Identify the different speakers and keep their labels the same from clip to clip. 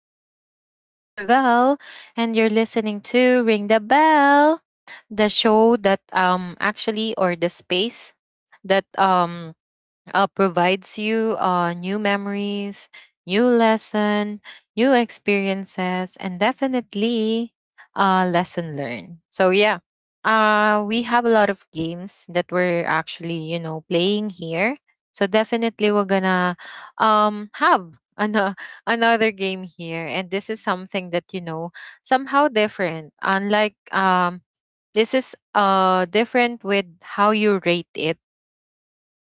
Speaker 1: is your host, Javelle. And you're listening to Ring the Bell, the show that actually, or the space that provides you new memories, new lesson, new experiences, and definitely lesson learned. So yeah, we have a lot of games that we're actually playing here. So definitely we're gonna have another game here, and this is something that somehow different. Unlike this is different with how you rate it.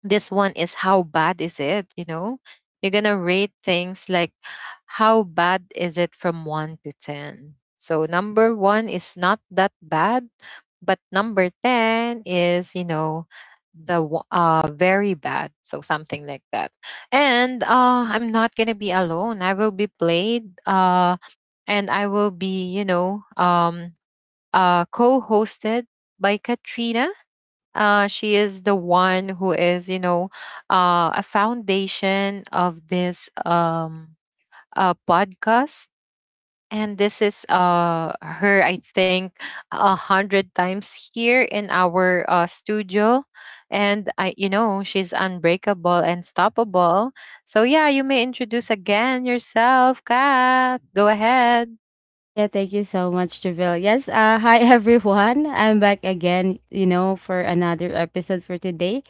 Speaker 1: This one is how bad is it. You're gonna rate things like how bad is it from 1 to 10. So number 1 is not that bad, but number 10 is, very bad. So something like that. And I'm not gonna be alone. I will be played, and I will be, co-hosted by Katrina. She is the one who is, you know, a foundation of this podcast. And this is her, I think, 100 times here in our studio. And I, you know, she's unbreakable and stoppable. So yeah, you may introduce again yourself, Kath. Go ahead.
Speaker 2: Yeah, thank you so much, Javille. Yes, Hi everyone. I'm back again, for another episode for today.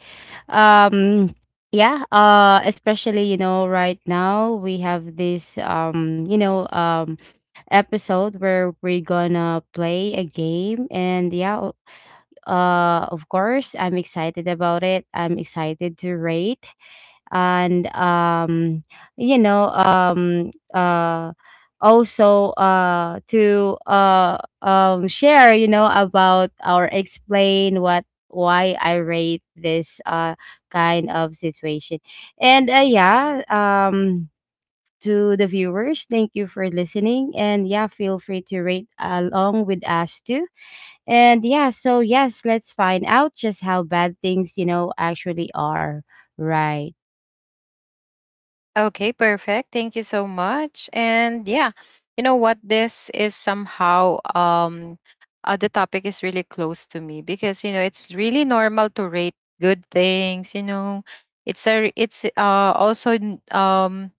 Speaker 2: Um, yeah, Especially, right now we have this episode where we're gonna play a game. Of course, I'm excited about it. I'm excited to rate and you know um uh also to share, you know, about, or explain what why I rate this kind of situation, and to the viewers. Thank you for listening, and yeah, feel free to rate along with us too. And yeah, so yes, let's find out just how bad things, you know, actually are. Right.
Speaker 1: Okay, perfect. Thank you so much. And yeah, you know what? This is somehow, the topic is really close to me, because you know it's really normal to rate good things. You know, it's also,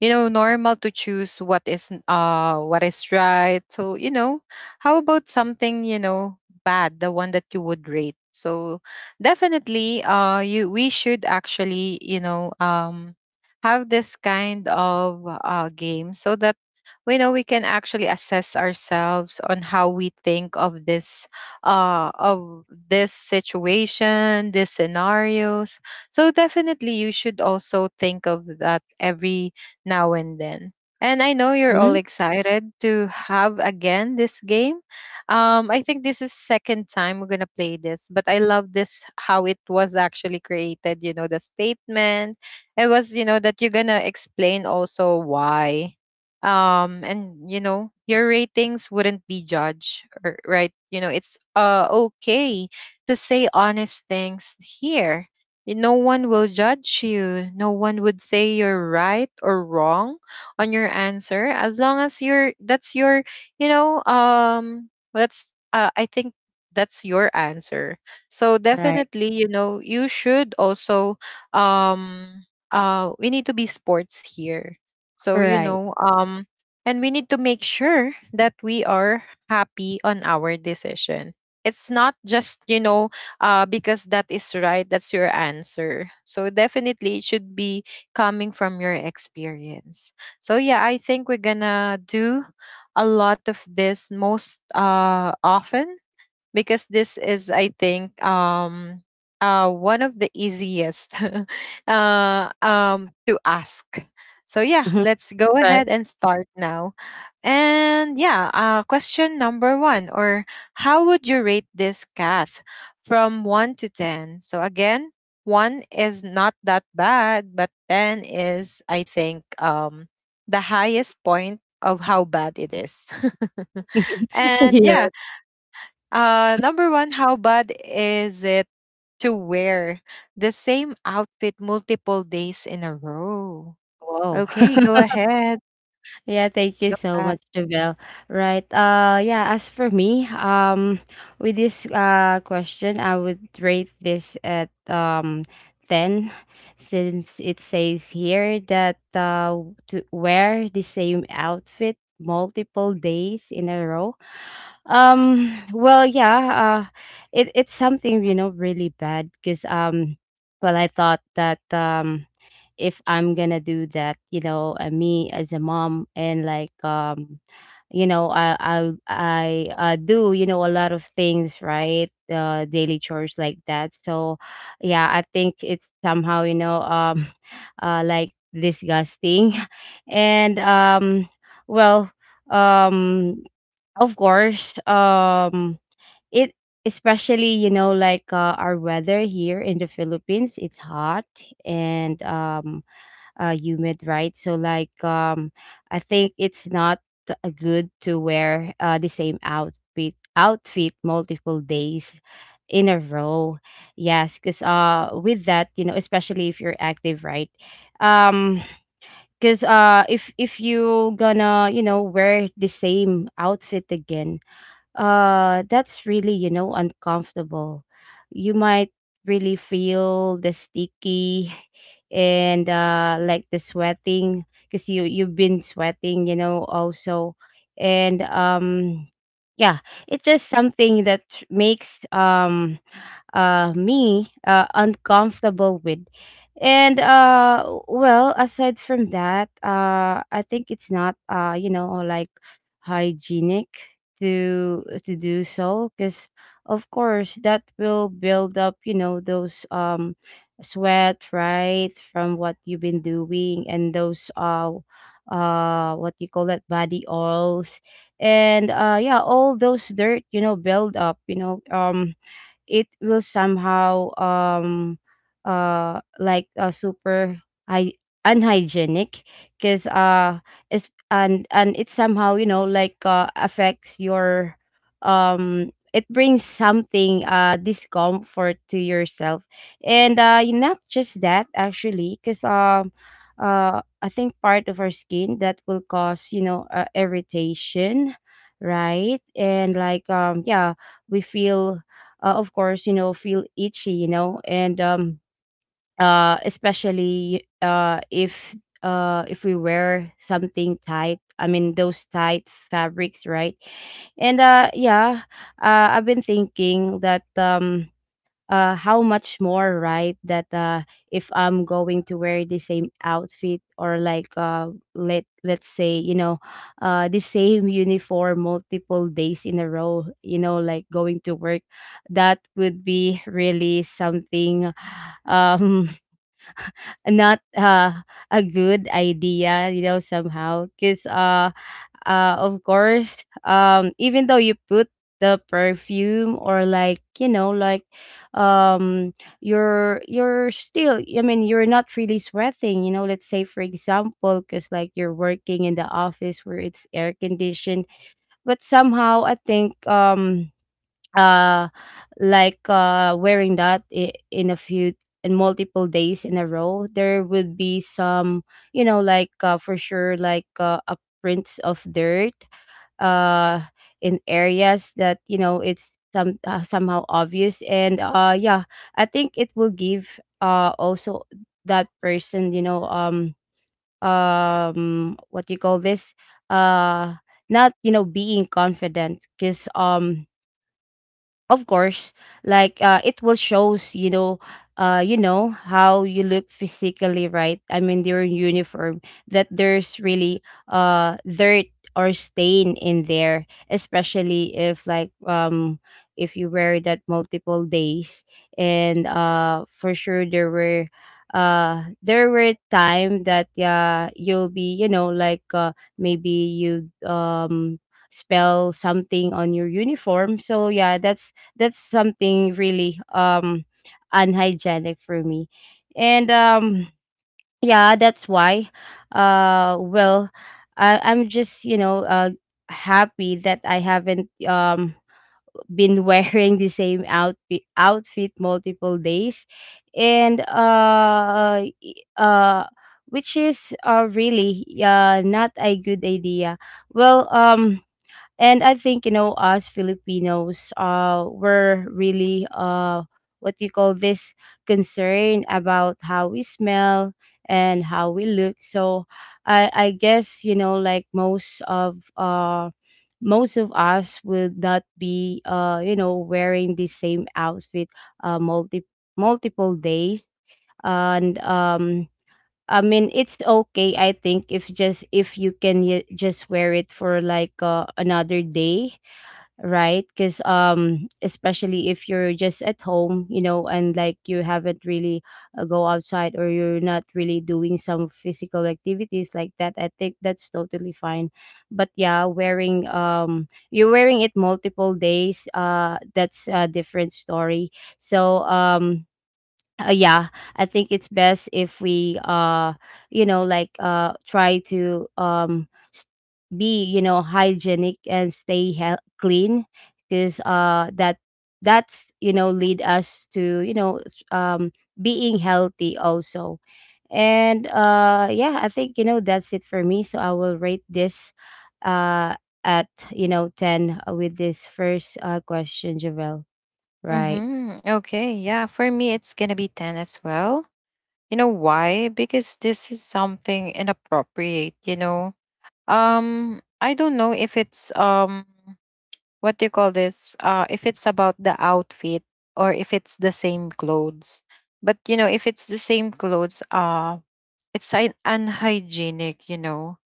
Speaker 1: normal to choose what is right. So you know, how about something, bad, the one that you would rate? So definitely, you we should actually, have this kind of game so that we know we can actually assess ourselves on how we think of this situation, these scenarios. So definitely you should also think of that every now and then. And I know you're all
Speaker 2: Mhm.
Speaker 1: excited to have again this game. I think this is second time we're gonna play this, but I love this how it was actually created. You know the statement. It was, that you're gonna explain also why, and you know your ratings wouldn't be judged, right? You know it's okay to say honest things here. No one will judge you. No one would say you're right or wrong on your answer, as long as you're that's your, you know, that's I think, that's your answer. So
Speaker 2: Right.
Speaker 1: definitely, you know, you should also, um we need to be sports here. So, you
Speaker 2: Right.
Speaker 1: know, and we need to make sure that we are happy on our decision. It's not just, you know, because that is right. That's your answer. So definitely it should be coming from your experience. So yeah, I think we're gonna do a lot of this most often, because this is, I think, one of the easiest to ask. So yeah,
Speaker 2: Mhm.
Speaker 1: let's go
Speaker 2: Right.
Speaker 1: ahead and start now. And yeah, question number one. Or how would you rate this cat from 1 to 10? So again, one is not that bad but 10 is, I think, the highest point of how bad it is. And yeah,
Speaker 2: Yeah.
Speaker 1: number one: how bad is it to wear the same outfit multiple days in a row?
Speaker 2: Wow.
Speaker 1: Okay, go ahead.
Speaker 2: Yeah, thank you
Speaker 1: Go
Speaker 2: so
Speaker 1: back.
Speaker 2: much, Javel. Right. Yeah, as for me, with this question, I would rate this at 10, since it says here that to wear the same outfit multiple days in a row. Um well, yeah, uh it it's something, you know, really bad because well, I thought that if I'm gonna do that, you know, me as a mom, and like you know, I do, you know, a lot of things, right? Daily chores like that. So, yeah, I think it's somehow, you know, like disgusting, and well, um, of course, it especially, you know, like our weather here in the Philippines, it's hot and humid, right? So like I think it's not good to wear, the same outfit multiple days in a row. Yes, because with that, you know, especially if you're active, right? Um, because if you gonna, you know, wear the same outfit again, that's really, you know, uncomfortable. You might really feel the sticky and like the sweating, because you, you've been sweating, you know, also. And yeah It's just something that makes me uncomfortable with. And well, aside from that, I think it's not, you know, like hygienic to do so, because of course that will build up, you know, those sweat, right, from what you've been doing, and those what you call that, body oils, and yeah, all those dirt, you know, build up, you know, it will somehow, like, super hy- unhygienic, because it's, and it somehow, you know, like, affects your, it brings something, discomfort to yourself. And not just that, actually, because I think part of our skin that will cause, you know, irritation, right? And like yeah, we feel, of course, you know, feel itchy, you know, and especially if we wear something tight, I mean those tight fabrics, right? And uh, yeah, I've been thinking that, how much more, right, that if I'm going to wear the same outfit, or like, let's say, you know, the same uniform multiple days in a row, you know, like going to work, that would be really something, um not, a good idea, you know, somehow. Because, uh, of course, even though you put the perfume, or like, you know, like you're still, I mean, you're not really sweating, you know, let's say for example, because like you're working in the office where it's air conditioned. But somehow I think, uh like, wearing that in a few, in multiple days in a row, there would be some, you know, like, for sure, like, a prints of dirt uh in areas that, you know, it's some, somehow obvious. And I think it will give, also, that person, you know, what do you call this, uh not, you know, being confident, because of course, like, it will shows, you know, you know, how you look physically, right, I mean during uniform, that there's really dirt or stain in there, especially if like, if you wear that multiple days. And for sure, there were time that, yeah, you'll be, you know, like, maybe you spell something on your uniform. So yeah, that's something really, unhygienic, for me. And Yeah, that's why, uh well I, I'm just, you know, happy that I haven't been wearing the same outfit multiple days, and uh y- uh which is really, not a good idea. well um and I think, you know, us Filipinos, we're really, what do you call this, concern about how we smell and how we look. So I guess, you know, like most of us will not be, you know, wearing the same outfit uh multi multiple days. And I mean, it's okay, I think, if just if you can just wear it for like, another day, right? Because especially if you're just at home, you know, and like you haven't really go outside, or you're not really doing some physical activities like that, I think that's totally fine. But yeah, wearing, you're wearing it multiple days, that's a different story. So uh, yeah I think it's best if we you know, like, try to s- be, you know, hygienic and stay clean, because that, that's, you know, lead us to, you know, being healthy also. And yeah, I think, you know, that's it for me, so I will rate this uh at, you know, 10, with this first question, Javel. Right.
Speaker 1: Mm-hmm. Okay, yeah, for me it's gonna be 10 as well. You know why? Because this is something inappropriate, you know. I don't know if it's, what do you call this? If it's about the outfit, or if it's the same clothes. But you know, if it's the same clothes, it's unhygienic, you know.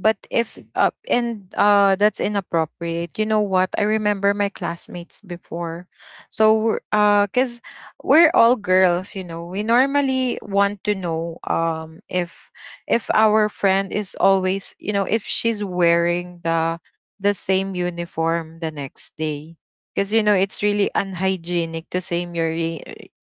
Speaker 1: But if and that's inappropriate. You know what? I remember my classmates before. So cuz we're all girls, you know. We normally want to know, if our friend is always, you know, if she's wearing the same uniform the next day. Cuz you know, it's really unhygienic to same your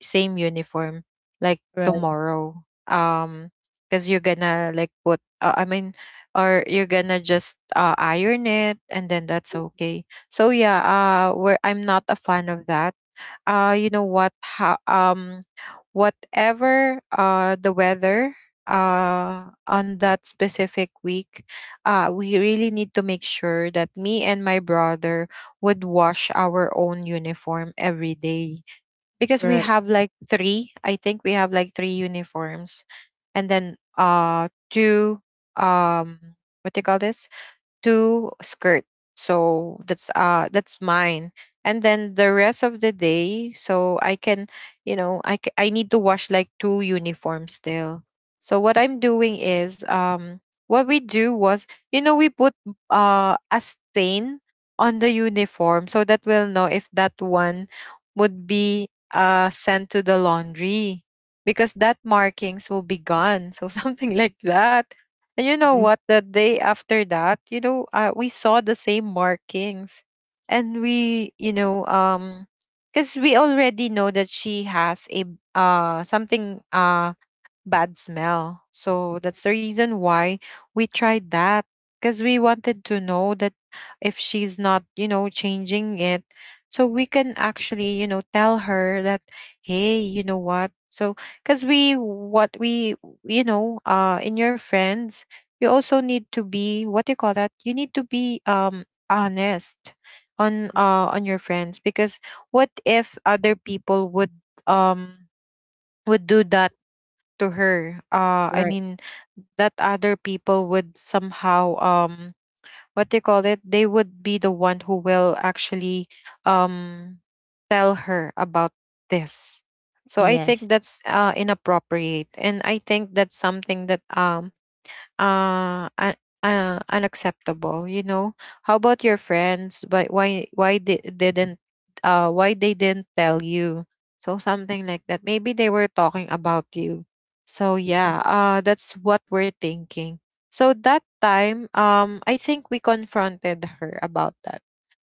Speaker 1: same uniform like
Speaker 2: Right,
Speaker 1: tomorrow. Because you're gonna like put, I mean, or you're gonna just iron it, and then that's okay. So yeah, where I'm not a fan of that. You know what? How Whatever the weather on that specific week, we really need to make sure that me and my brother would wash our own uniform every day, because we
Speaker 2: right,
Speaker 1: have like three, I think we have like three uniforms, and then two, um what do you call this, two skirt. So that's mine. And then the rest of the day, so I can, you know, I need to wash like two uniforms still. So what I'm doing is, what we do was, you know, we put a stain on the uniform so that we'll know if that one would be sent to the laundry, because that markings will be gone. So something like that. And you know
Speaker 2: mhm,
Speaker 1: what? The day after that, you know, we saw the same markings, and we, you know, because we already know that she has a something bad smell. So that's the reason why we tried that, because we wanted to know that, if she's not, you know, changing it, so we can actually, you know, tell her that, hey, you know what? So, because we, what we, you know, in your friends, you also need to be, what do you call that? You need to be, honest on your friends, because what if other people would, um would do that to her, I
Speaker 2: right.
Speaker 1: mean, that other people would somehow, what they call it, they would be the one who will actually, um tell her about this. So I think
Speaker 2: Yes.
Speaker 1: that's inappropriate, and I think that's something that, uh, un- unacceptable, you know. How about your friends? But why they didn't, why they didn't tell you? So something like that. Maybe they were talking about you. So yeah,
Speaker 2: Mhm,
Speaker 1: that's what we're thinking. So that time, I think we confronted her about that.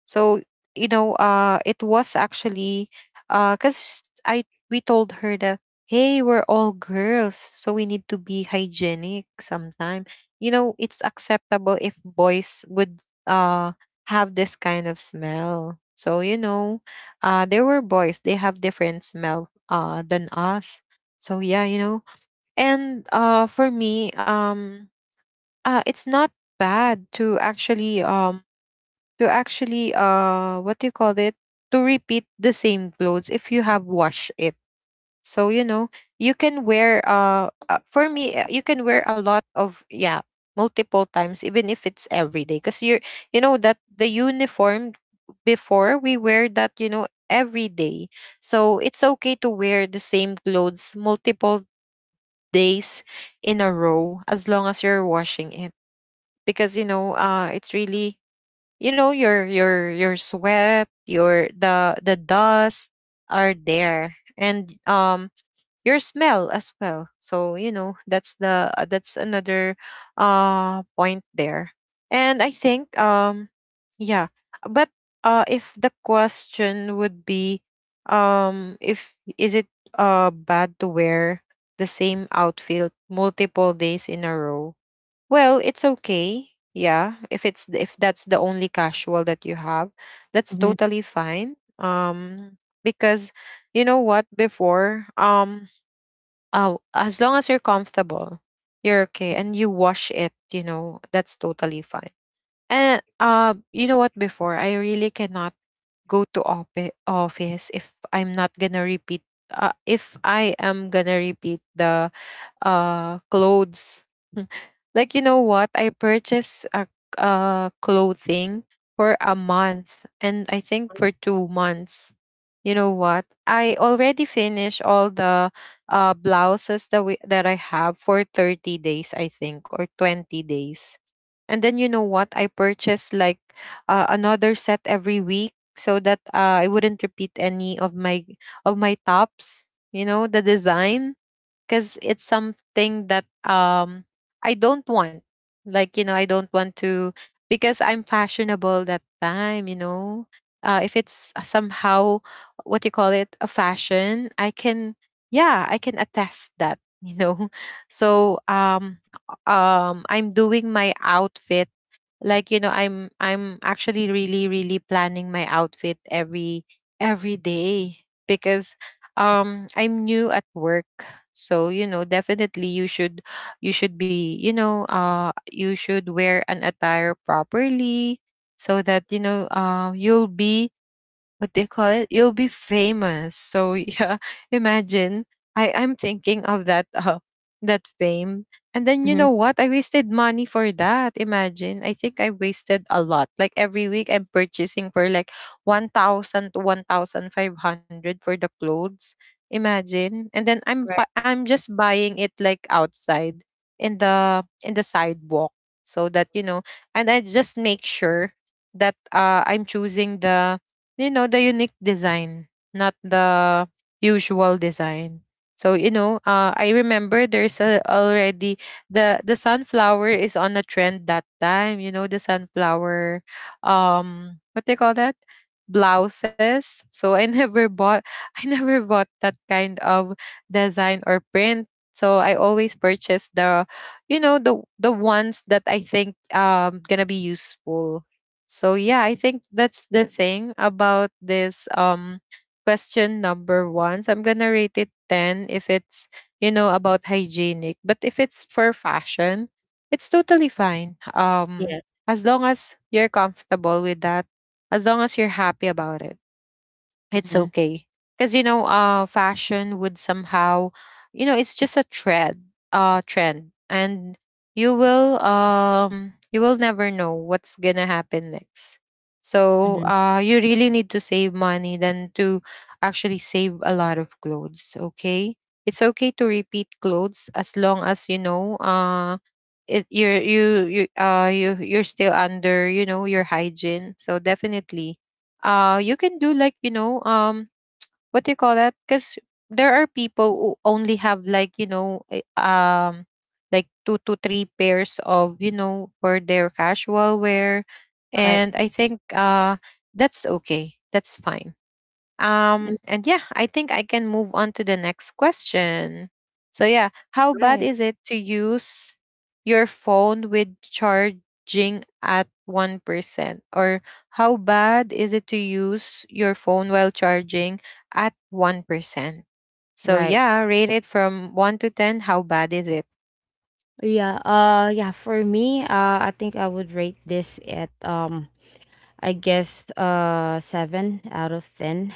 Speaker 1: So you know, it was actually because I we told her that, hey, we're all girls, so we need to be hygienic sometime. You know, it's acceptable if boys would uh have this kind of smell. So you know, there were boys. They have different smell than us. So yeah, you know, and for me, it's not bad to actually, what do you call it, to repeat the same clothes if you have washed it. So you know, you can wear for me, you can wear a lot of, yeah, multiple times, even if it's every day, because you know that the uniform, before we wear that, you know, every day. So it's okay to wear the same clothes multiple days in a row, as long as you're washing it, because you know, it's really, you know, your sweat, your, the dust are there, and your smell as well. So you know, that's the that's another point there. And I think, yeah, but if the question would be, if is it bad to wear the same outfit multiple days in a row, well, it's okay. Yeah, if that's the only casual that you have, that's
Speaker 2: mhm,
Speaker 1: totally fine. Um because, you know what, before, oh, as long as you're comfortable, you're okay and you wash it, you know, that's totally fine. And you know what, before I really cannot go to office if I'm not going to repeat, if I am going to repeat the clothes. Like you know what? I purchased a clothing for a month, and I think for 2 months. You know what? I already finished all the blouses that we that I have for 30 days, I think, or 20 days. And then, you know what? I purchased like, another set every week, so that, I wouldn't repeat any of my tops, you know, the design, because it's something that, I don't want. Like you know, I don't want to, because I'm fashionable that time. You know, if it's somehow, what you call it, a fashion, I can, yeah, I can attest that, you know. So I'm doing my outfit, I'm actually really planning my outfit every day because I'm new at work. So you know, definitely you should, you should be, you should wear an attire properly so that, you'll be, what they call it, you'll be famous. So yeah, imagine, I'm thinking of that. That fame. And then you
Speaker 2: mhm.
Speaker 1: know what, I wasted money for that. Imagine, I think I wasted a lot. Like every week I'm purchasing for like 1000 to 1500 for the clothes. Imagine, and then
Speaker 2: Right.
Speaker 1: I'm just buying it like outside in the sidewalk, so that you know. And I just make sure that I'm choosing the, you know, the unique design, not the usual design. So I remember there's a, already, the sunflower is on a trend that time, you know, the sunflower, what they call that, blouses. So I never bought, I never bought that kind of design or print. So I always purchase the, you know, the ones that I think gonna be useful. So yeah, I think that's the thing about this question number 1. So I'm going to rate it 10 if it's, you know, about hygienic, but if it's for fashion, it's totally fine.
Speaker 2: Yeah.
Speaker 1: As long as you're comfortable with that, as long as you're happy about it, it's
Speaker 2: Mhm,
Speaker 1: okay. Because you know, fashion would somehow, you know, it's just a trend. Trend. And you will, you will never know what's gonna happen next. So
Speaker 2: mhm.
Speaker 1: you really need to save money than to actually save a lot of clothes. Okay, it's okay to repeat clothes as long as you know, it, you're you, you you you're still under, you know, your hygiene. So definitely you can do like, you know, what do you call that, because there are people who only have like, you know, like two to three pairs of, you know, for their casual wear.
Speaker 2: Right.
Speaker 1: And I think that's okay, that's fine.
Speaker 2: Mm.
Speaker 1: And yeah, I think I can move on to the next question. So yeah, how bad
Speaker 2: Right.
Speaker 1: is it to use your phone with charging at 1%? Or how bad is it to use your phone while charging at 1%? So
Speaker 2: Right.
Speaker 1: yeah, rate it from 1 to 10, how bad is it?
Speaker 2: Yeah, for me, I think I would rate this at I guess seven out of ten.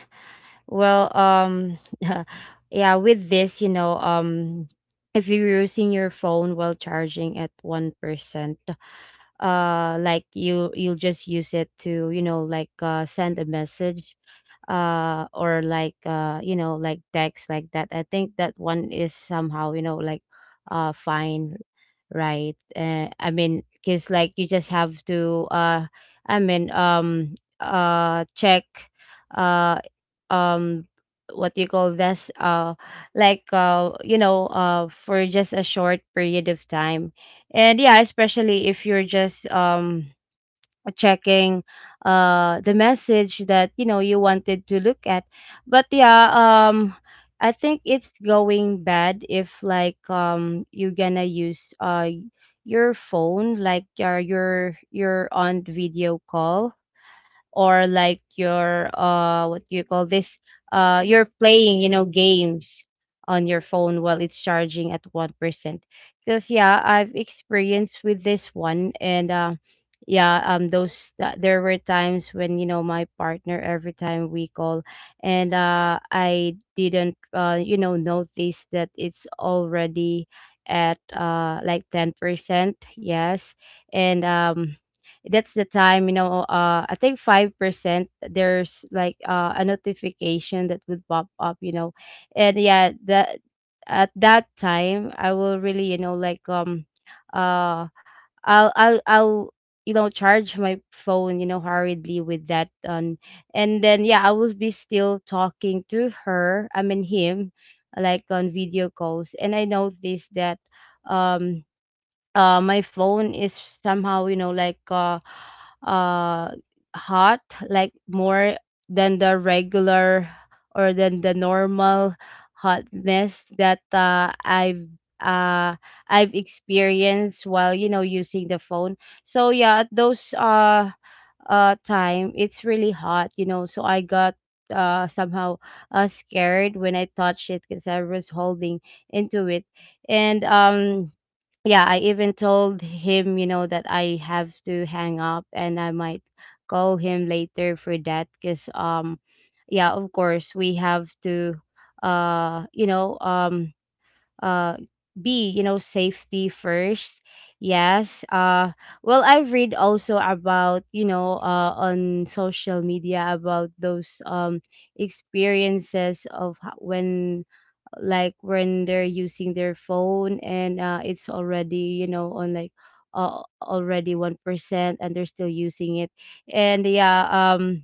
Speaker 2: Well, yeah. With this, you know, if you're using your phone while charging at 1%, like, you'll just use it to, you know, like, send a message, or like, you know, like decks like that, I think that one is somehow, you know, like, fine, right? I mean, because like you just have to, i mean um check, uh um what you call this, like, you know, for just a short period of time. And yeah, especially if you're just checking the message that, you know, you wanted to look at. But I think it's going bad if like, you're gonna use your phone like, you're on video call, or like your, what do you call this, you're playing, you know, games on your phone while it's charging at 1%. Because yeah, I've experienced with this one. And uh yeah um those there were times when, you know, my partner, every time we call, and I didn't, you know, notice that it's already at, like, 10%. Yes. And that's the time, you know, I think 5% there's like, a notification that would pop up, you know. And yeah, that at that time I will really, you know, like, uh I'll you know, charge my phone, you know, hurriedly with that on. And then yeah, I will be still talking to her, I mean him, like on video calls, and I noticed that um my phone is somehow, you know, like, uh hot, like more than the regular, or than the normal hotness that uh I've experienced while, you know, using the phone. So yeah, at those time, it's really hot, you know, so I got, somehow, scared when I touched it, because I was holding into it. And yeah, I even told him, you know, that I have to hang up, and I might call him later for that, cuz yeah, of course, we have to, you know, uh be, you know, safety first. Yes. Well, I've read also about, you know, on social media about those experiences of when like when they're using their phone and it's already, you know, on, like, already 1%, and they're still using it. And yeah um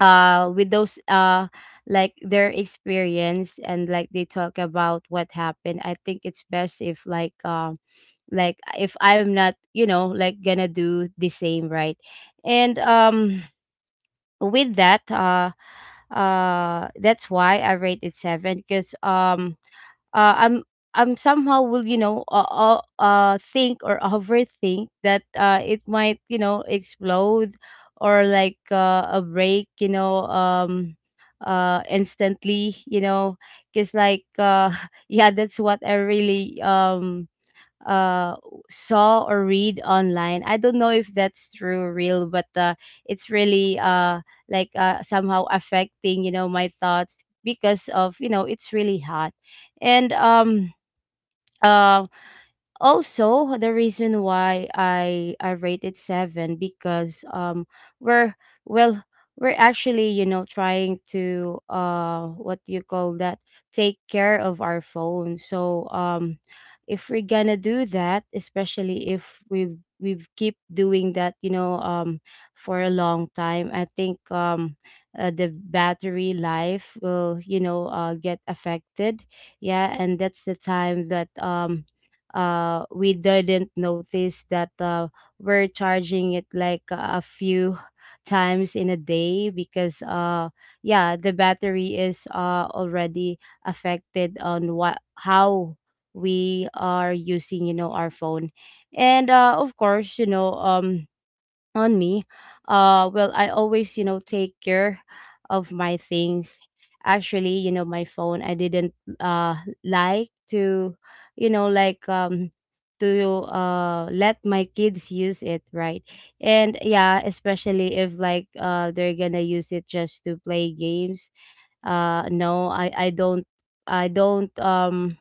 Speaker 2: uh with those like their experience and like they talk about what happened, I think it's best if, like, like if I'm not, you know, like gonna do the same, right? And with that, that's why I rate it seven. Because uh, I'm I'm somehow will, you know, think or overthink that it might, you know, explode or like, a break, you know, instantly, you know. Because like yeah, that's what I really uh saw or read online. I don't know if that's true or real, but it's really like somehow affecting, you know, my thoughts, because of, you know, it's really hot. And uh. Also, the reason why I rated seven, because we're, well, we're actually, you know, trying to what do you call that, take care of our phone. So if we're gonna do that, especially if we keep doing that, you know, for a long time, I think the battery life will, you know, get affected. Yeah, and that's the time that we didn't notice that, we're charging it like a few times in a day because yeah, the battery is already affected on what, how we are using, you know, our phone. And of course, you know, on me, well, I always, you know, take care of my things. Actually, you know, my phone, I didn't uh like to, you know, like, to let my kids use it, right? And yeah, especially if like they're gonna use it just to play games, no, I don't, I don't um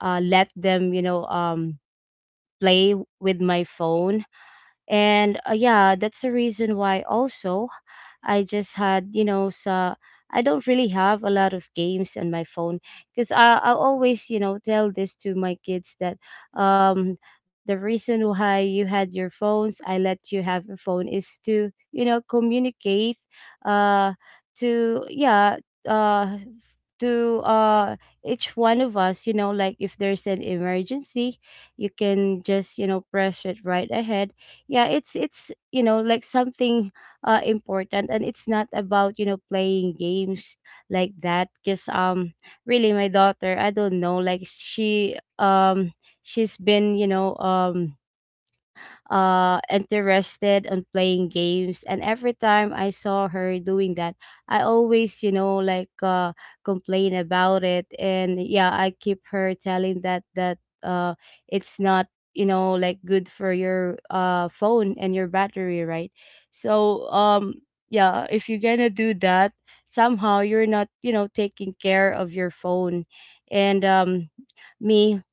Speaker 2: uh let them, you know, play with my phone. And yeah, that's the reason why also I just had, you know, so I don't really have a lot of games on my phone. Because I always, you know, tell this to my kids that um the reason why you had your phones, I let you have a phone is to, you know, communicate uh to, yeah, uh to each one of us, you know, like if there's an emergency, you can just, you know, press it right ahead. Yeah, it's you know, like something important, and it's not about, you know, playing games like that. Because really, my daughter, I don't know, like she she's been, you know, interested on playing games. And every time I saw her doing that, I always, you know, like, complain about it. And yeah, I keep her telling that that uh, it's not, you know, like good for your phone and your battery, right? So yeah, if you're gonna do that, somehow you're not, you know, taking care of your phone. And me,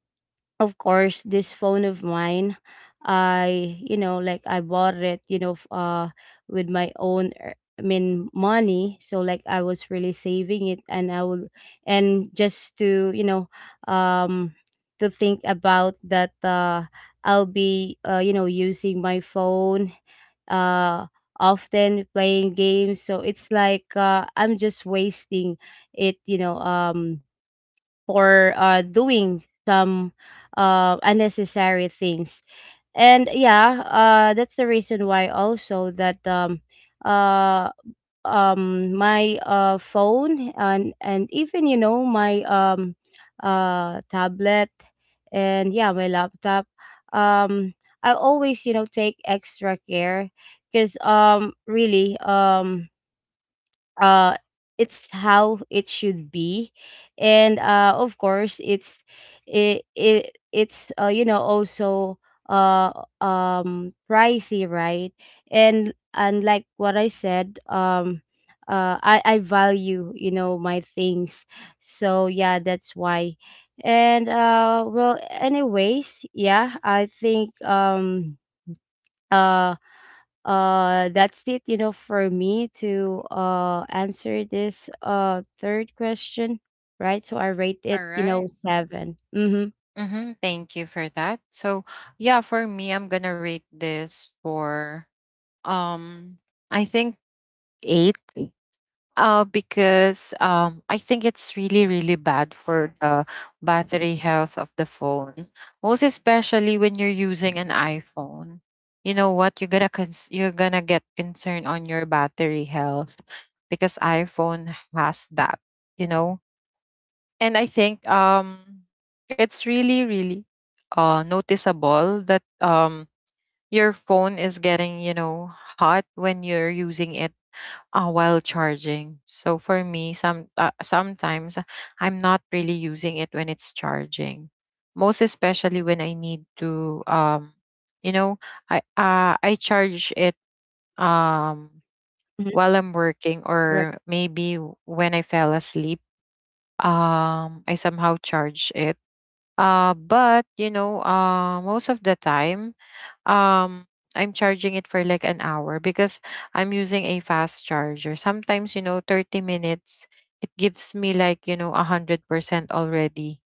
Speaker 2: of course, this phone of mine, I, you know, like I bought it, you know, with my own I mean money, so like I was really saving it and I will, and just to, you know, um to think about that I'll be, you know, using my phone uh often playing games, so it's like I'm just wasting it, you know, for, doing some, unnecessary things. And yeah, that's the reason why also that, uh, my phone and even, you know, my, tablet, and yeah, my laptop. Um, I always, you know, take extra care, because really, uh it's how it should be. And of course, it's, it's you know, also, uh pricey, right? And like what I said, I value, you know, my things. So yeah, that's why. And well, anyways, yeah, I think uh that's it, you know, for me to answer this third question, right? So I rate it,
Speaker 1: All
Speaker 2: you know,
Speaker 1: right.
Speaker 2: seven. Mm-hmm,
Speaker 1: Mm-hmm. Thank you for that. So yeah, for me, I'm gonna rate this for, um I think, eight. Because I think it's really, really bad for the battery health of the phone. Most especially when you're using an iPhone. You know what? You're gonna you're gonna get concerned on your battery health because iPhone has that. You know, and I think it's really, really noticeable that your phone is getting, you know, hot when you're using it, while charging. So for me, sometimes I'm not really using it when it's charging. Most especially when I need to, you know, I charge it,
Speaker 2: mm-hmm,
Speaker 1: um, while I'm
Speaker 2: right,
Speaker 1: working or maybe when I fell asleep. I somehow charge it. But you know, most of the time, um I'm charging it for like an hour because I'm using a fast charger. Sometimes, you know, 30 minutes, it gives me like, you know, 100% already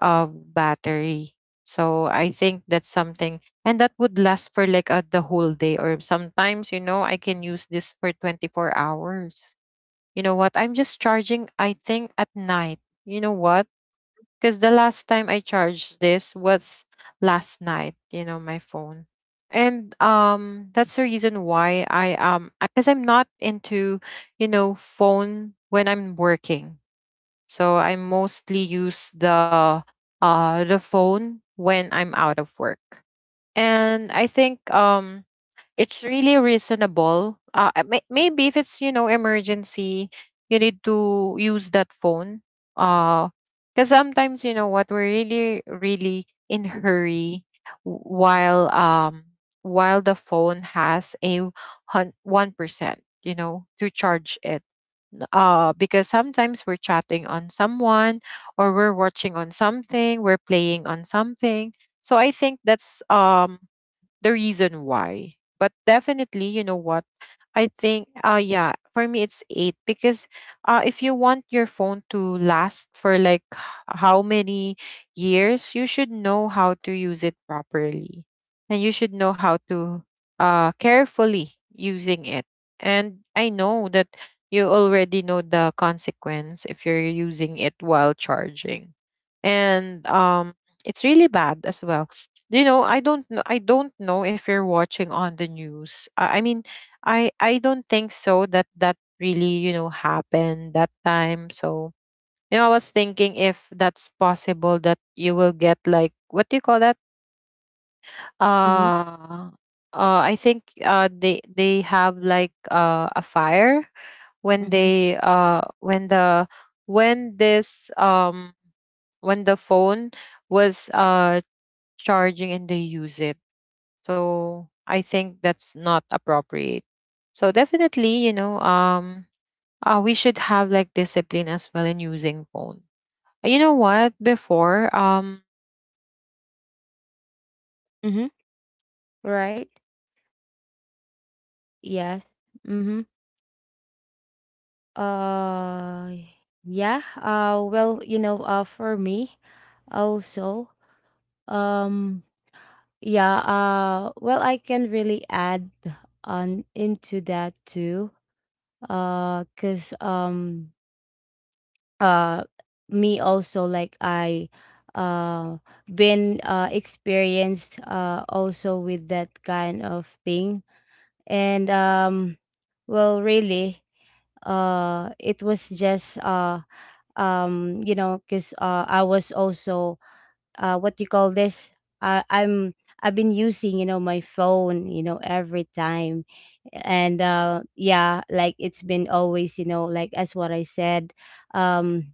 Speaker 1: of battery. So I think that's something. And that would last for like the whole day. Or sometimes, you know, I can use this for 24 hours. You know what? I'm just charging, I think, at night. You know what? Because the last time I charged this was last night, you know, my phone. And that's the reason why I, because I'm not into, you know, phone when I'm working. So I mostly use the, uh, phone when I'm out of work. And I think it's really reasonable. Maybe if it's, you know, emergency, you need to use that phone. Uh, because sometimes you know what, we're really really in hurry w- while um while the phone has a 1%, you know, to charge it. Because sometimes we're chatting on someone, or we're watching on something, we're playing on something. So I think that's the reason why. But definitely, you know what? I think yeah, for me it's 8 because if you want your phone to last for like how many years, you should know how to use it properly. And you should know how to carefully using it. And I know that you already know the consequence if you're using it while charging. And it's really bad as well. Do you know, I don't know, I don't know if you're watching on the news, I mean, I don't think so that that really, you know, happened that time. So you know, I was thinking if that's possible that you will get like, what do you call that,
Speaker 2: mm-hmm,
Speaker 1: uh uh, I think they have like a fire when
Speaker 2: mm-hmm,
Speaker 1: they when the, when this when the phone was charging and they use it. So I think that's not appropriate. So definitely, you know, we should have like discipline as well in using phone. You know what? Before, I remember, I'm
Speaker 2: mm-hmm,
Speaker 1: really, you know, I remember
Speaker 2: right,
Speaker 1: before that we're not using
Speaker 2: yes,
Speaker 1: the
Speaker 2: mm-hmm.
Speaker 1: phone when it's charging because our charger
Speaker 2: uh
Speaker 1: is the
Speaker 2: yeah,
Speaker 1: universal one,
Speaker 2: well, you know,
Speaker 1: because you
Speaker 2: for
Speaker 1: know
Speaker 2: me
Speaker 1: we need to remove the
Speaker 2: also,
Speaker 1: battery. So look
Speaker 2: um
Speaker 1: at that, look at that
Speaker 2: yeah,
Speaker 1: phone before,
Speaker 2: well, I
Speaker 1: it
Speaker 2: can really
Speaker 1: lasts for like
Speaker 2: add
Speaker 1: a long time
Speaker 2: on
Speaker 1: because, you know,
Speaker 2: into that
Speaker 1: the
Speaker 2: too.
Speaker 1: battery is the phone is
Speaker 2: Because
Speaker 1: not we're not using it
Speaker 2: uh
Speaker 1: while
Speaker 2: me also,
Speaker 1: charging.
Speaker 2: like
Speaker 1: So
Speaker 2: I
Speaker 1: definitely
Speaker 2: uh
Speaker 1: that's the thing
Speaker 2: been
Speaker 1: about this. And yeah,
Speaker 2: experienced
Speaker 1: I'm happy about
Speaker 2: also
Speaker 1: it.
Speaker 2: with that kind
Speaker 1: And
Speaker 2: of
Speaker 1: that's, I
Speaker 2: thing.
Speaker 1: think,
Speaker 2: And
Speaker 1: probably that I can do
Speaker 2: well,
Speaker 1: for
Speaker 2: really,
Speaker 1: myself. And
Speaker 2: it
Speaker 1: yeah,
Speaker 2: was just
Speaker 1: I think Kat has a lot to
Speaker 2: you
Speaker 1: say
Speaker 2: know,
Speaker 1: as
Speaker 2: because
Speaker 1: well.
Speaker 2: I was also
Speaker 1: And I don't
Speaker 2: what
Speaker 1: know
Speaker 2: you
Speaker 1: if
Speaker 2: call
Speaker 1: she's
Speaker 2: this,
Speaker 1: someone,
Speaker 2: i
Speaker 1: you know,
Speaker 2: i'm I've been
Speaker 1: she
Speaker 2: using, you
Speaker 1: could
Speaker 2: know, my phone, you know,
Speaker 1: something,
Speaker 2: every
Speaker 1: you know,
Speaker 2: time.
Speaker 1: uh,
Speaker 2: And yeah, like it's been always, you know, like, as what I said, um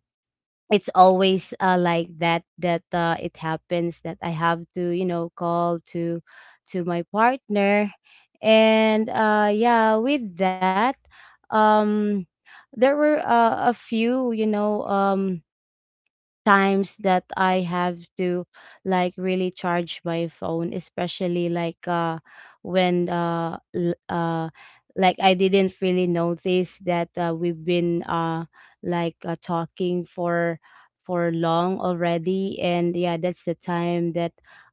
Speaker 2: it's always, like that, that it happens that I have to, you know, call to my partner. And yeah, with that, um there were, a few, you know, times that I have to like really charge my phone, especially like when like I didn't really notice that, we've been, like, talking for long already. And yeah, that's the time that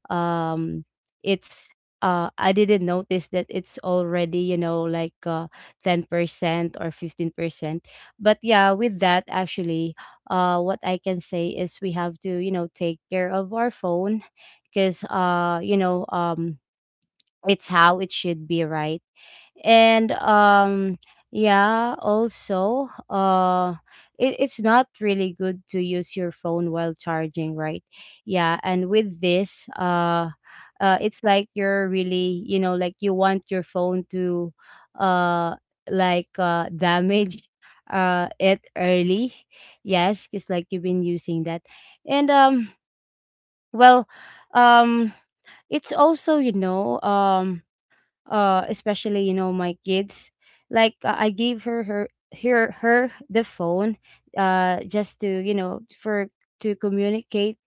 Speaker 2: um it's, I didn't notice that it's already, you know, like, 10% or 15%. But yeah, with that, actually, what I can say is we have to, you know, take care of our phone, because, you know, it's how it should be, right? And yeah, also it, it's not really good to use your phone while charging, right? Yeah, and with this, it's like you're really, you know, like, you want your phone to uh like damage it early. Yes, it's like you've been using that. And well, um it's also, you know, especially, you know, my kids, like, I gave her the phone just to, you know, for, to communicate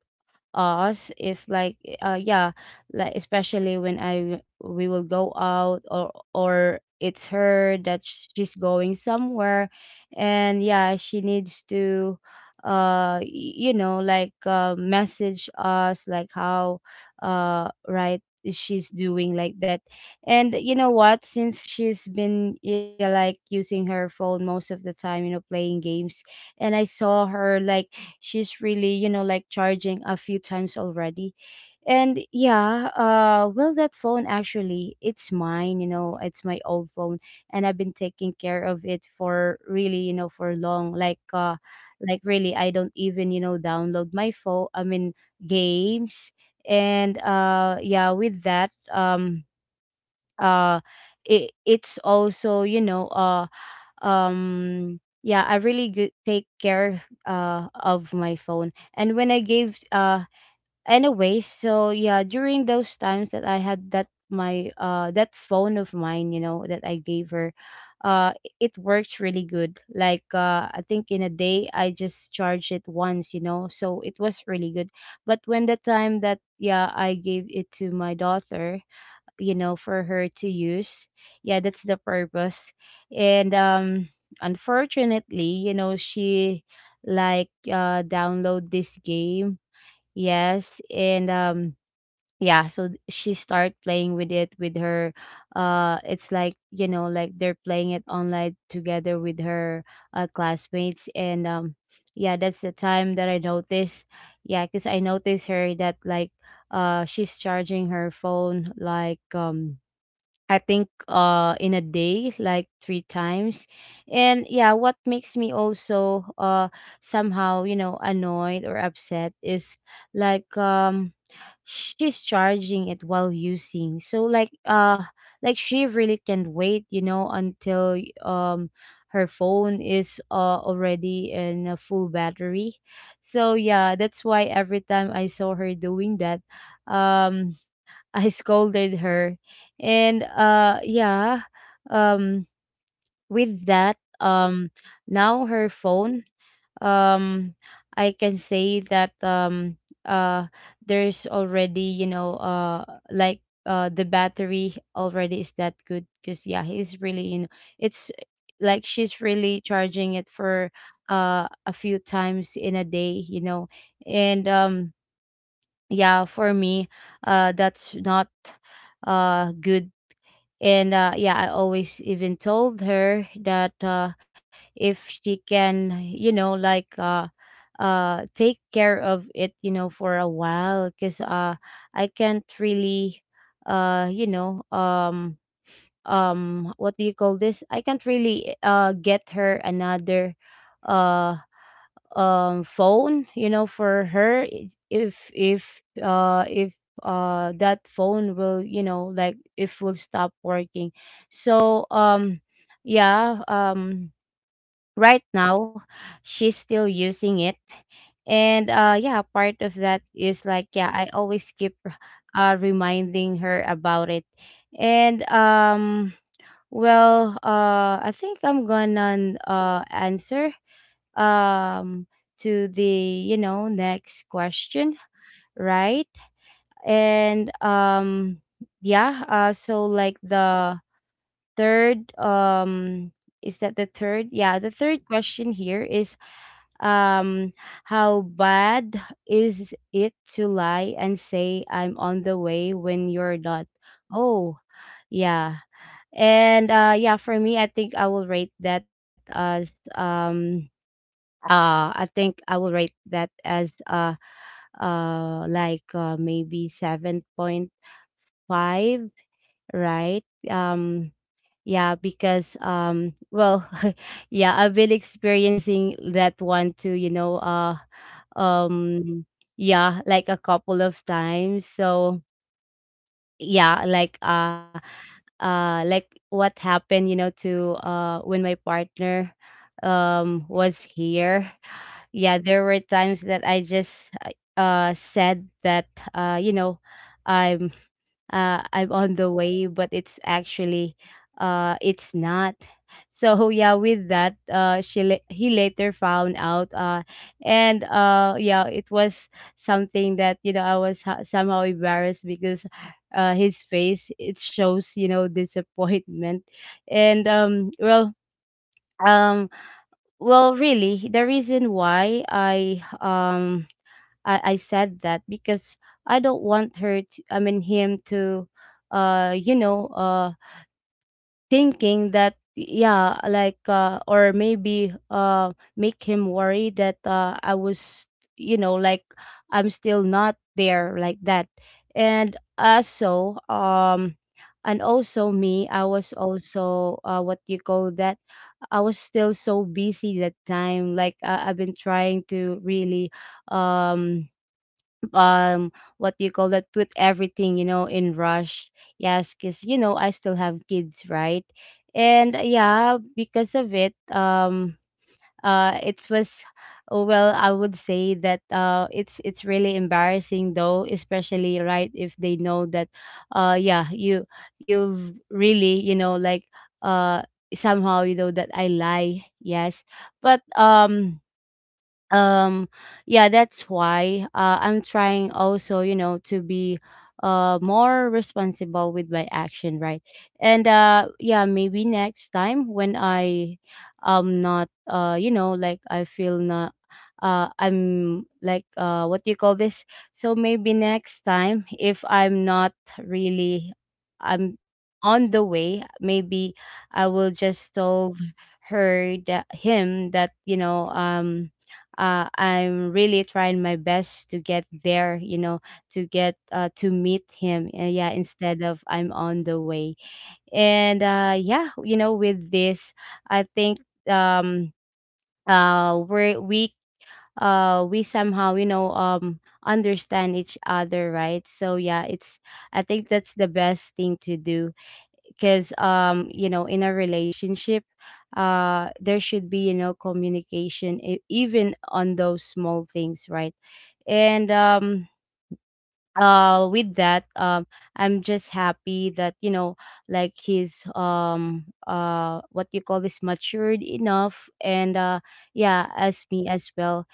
Speaker 2: us if like, yeah, like, especially when I we will go out or it's her that she's going somewhere. And yeah, she needs to uh y- you know, like, message us like how, right, she's doing, like that. And you know what, since she's been, yeah, like using her phone most of the time, you know, playing games, and I saw her, like, she's really, you know, like, charging a few times already. And yeah, well, that phone actually, it's mine, you know, it's my old phone. And I've been taking care of it for really, you know, for long, like, like really, I don't even, you know, download my phone, I mean, games. And yeah, with that, uh it, it's also, you know, yeah, I really good take care of my phone. And when I gave, anyway, so yeah, during those times that I had that my that phone of mine, you know, that I gave her, uh i- it works really good, like, I think in a day I just charge it once, you know, so it was really good. But when the time that, yeah, I gave it to my daughter, you know, for her to use. Yeah, that's the purpose. And unfortunately, you know, she like download this game. Yes, and yeah, so she start playing with it with her, it's like, you know, like they're playing it online together with her, classmates. And yeah, that's the time that I noticed. Yeah, cuz I noticed her that like she's charging her phone like I think in a day, like three times. And yeah, what makes me also somehow, you know, annoyed or upset is like, she's charging it while using. So like like, she really can't wait, you know, until um her phone is, already in a full battery. So yeah, that's why every time I saw her doing that, um I scolded her. And yeah, um with that, now her phone, um I can say that, uh there's already, you know, like, the battery already is that good, because yeah, he's really, you know, it's like, she's really charging it for a few times in a day, you know. And yeah, for me, that's not good. And yeah, I always even told her that, if she can, you know, like, take care of it, you know, for a while, because I can't really, uh you know um what do you call this, I can't really get her another uh phone, you know, for her. If that phone will, you know, like, if will stop working. So, yeah, right now she's still using it. And yeah, part of that is, like, yeah, I always keep reminding her about it. And well, I think I'm gonna answer, um to the, you know, next question, right? And yeah, so like the third is that the third? Yeah, the third question here is, um how bad is it to lie and say I'm on the way when you're not? Oh, yeah. And yeah, for me, I think I will rate that as I think I will rate that as maybe 7.5, right? Yeah, because, well, yeah, I've been experiencing that one too, you know, um, yeah, like a couple of times. So, yeah, like what happened, you know, to when my partner was here. Yeah, there were times that I just said that, you know, I'm I'm on the way, but it's actually, it's not. So yeah, with that, he later found out. And Yeah, it was something that, you know, somehow embarrassed, because his face, it shows, you know, disappointment. And um well, really, the reason why I, I said that because I don't want her to, I mean, him to, uh you know uh, thinking that, yeah, like, or maybe, make him worry that, I was, you know, like, I'm still not there, like that. And also, um, and also me, I was also, what you call that? I was still so busy that time. Like, I've been trying to really, um, um what do you call that, put everything, you know, in rush. Yes, because, you know, I still have kids, right? And yeah, because of it, it was... Oh, well, I would say that, it's really embarrassing, though, especially, right, if they know that, yeah, you've really, you know, like, uh somehow, you know, that I lie. Yes. But um yeah, that's why, I'm trying also, you know, to be more responsible with my action, right? And yeah, maybe next time when I, not, you know, like, I feel not, I'm like, what do you call this... So maybe next time, if I'm not really, I'm on the way, maybe I will just tell her, that, him, that, you know, I'm really trying my best to get there, you know, to get, to meet him. Yeah, instead of "I'm on the way." And yeah, you know, with this, I think, um, we're, we somehow, you know, understand each other, right? So yeah, it's I think that's the best thing to do, because, you know, in a relationship, there should be, you know, communication, even on those small things, right? And with that, I'm just happy that, you know, like, he's, what you call this, matured enough, and yeah, as me as well.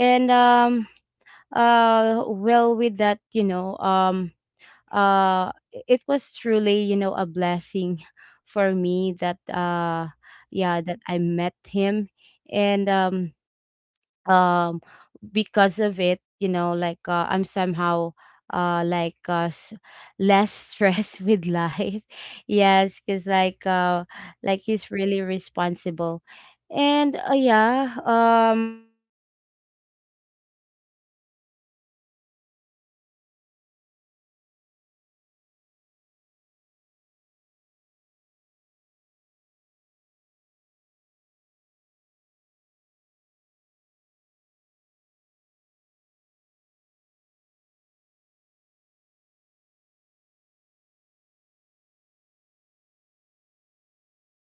Speaker 2: And well, with that, you know, uh it was truly, you know, a blessing for me that, yeah, that I met him. And um because of it, you know, like, I'm somehow, uh like uh s- less stressed with life. Yes, because, like he's really responsible. And yeah, yeah, that's the reason why, so that's why I, rate this, question number four or five, right? Um, at you know, seven out of ten. And well, anyways, uh right now, I think we don't have much really time.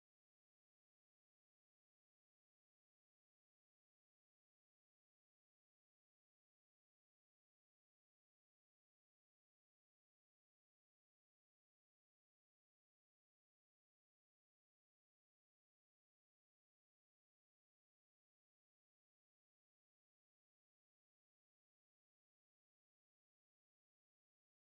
Speaker 2: So yeah, what can I say first is, like, I want to say thank you to the viewers, yeah, for your, you know, listening to our podcast. And yeah, this game, this is something really fun, right? And like, we can, uh like um uh, uh I hope you can also rate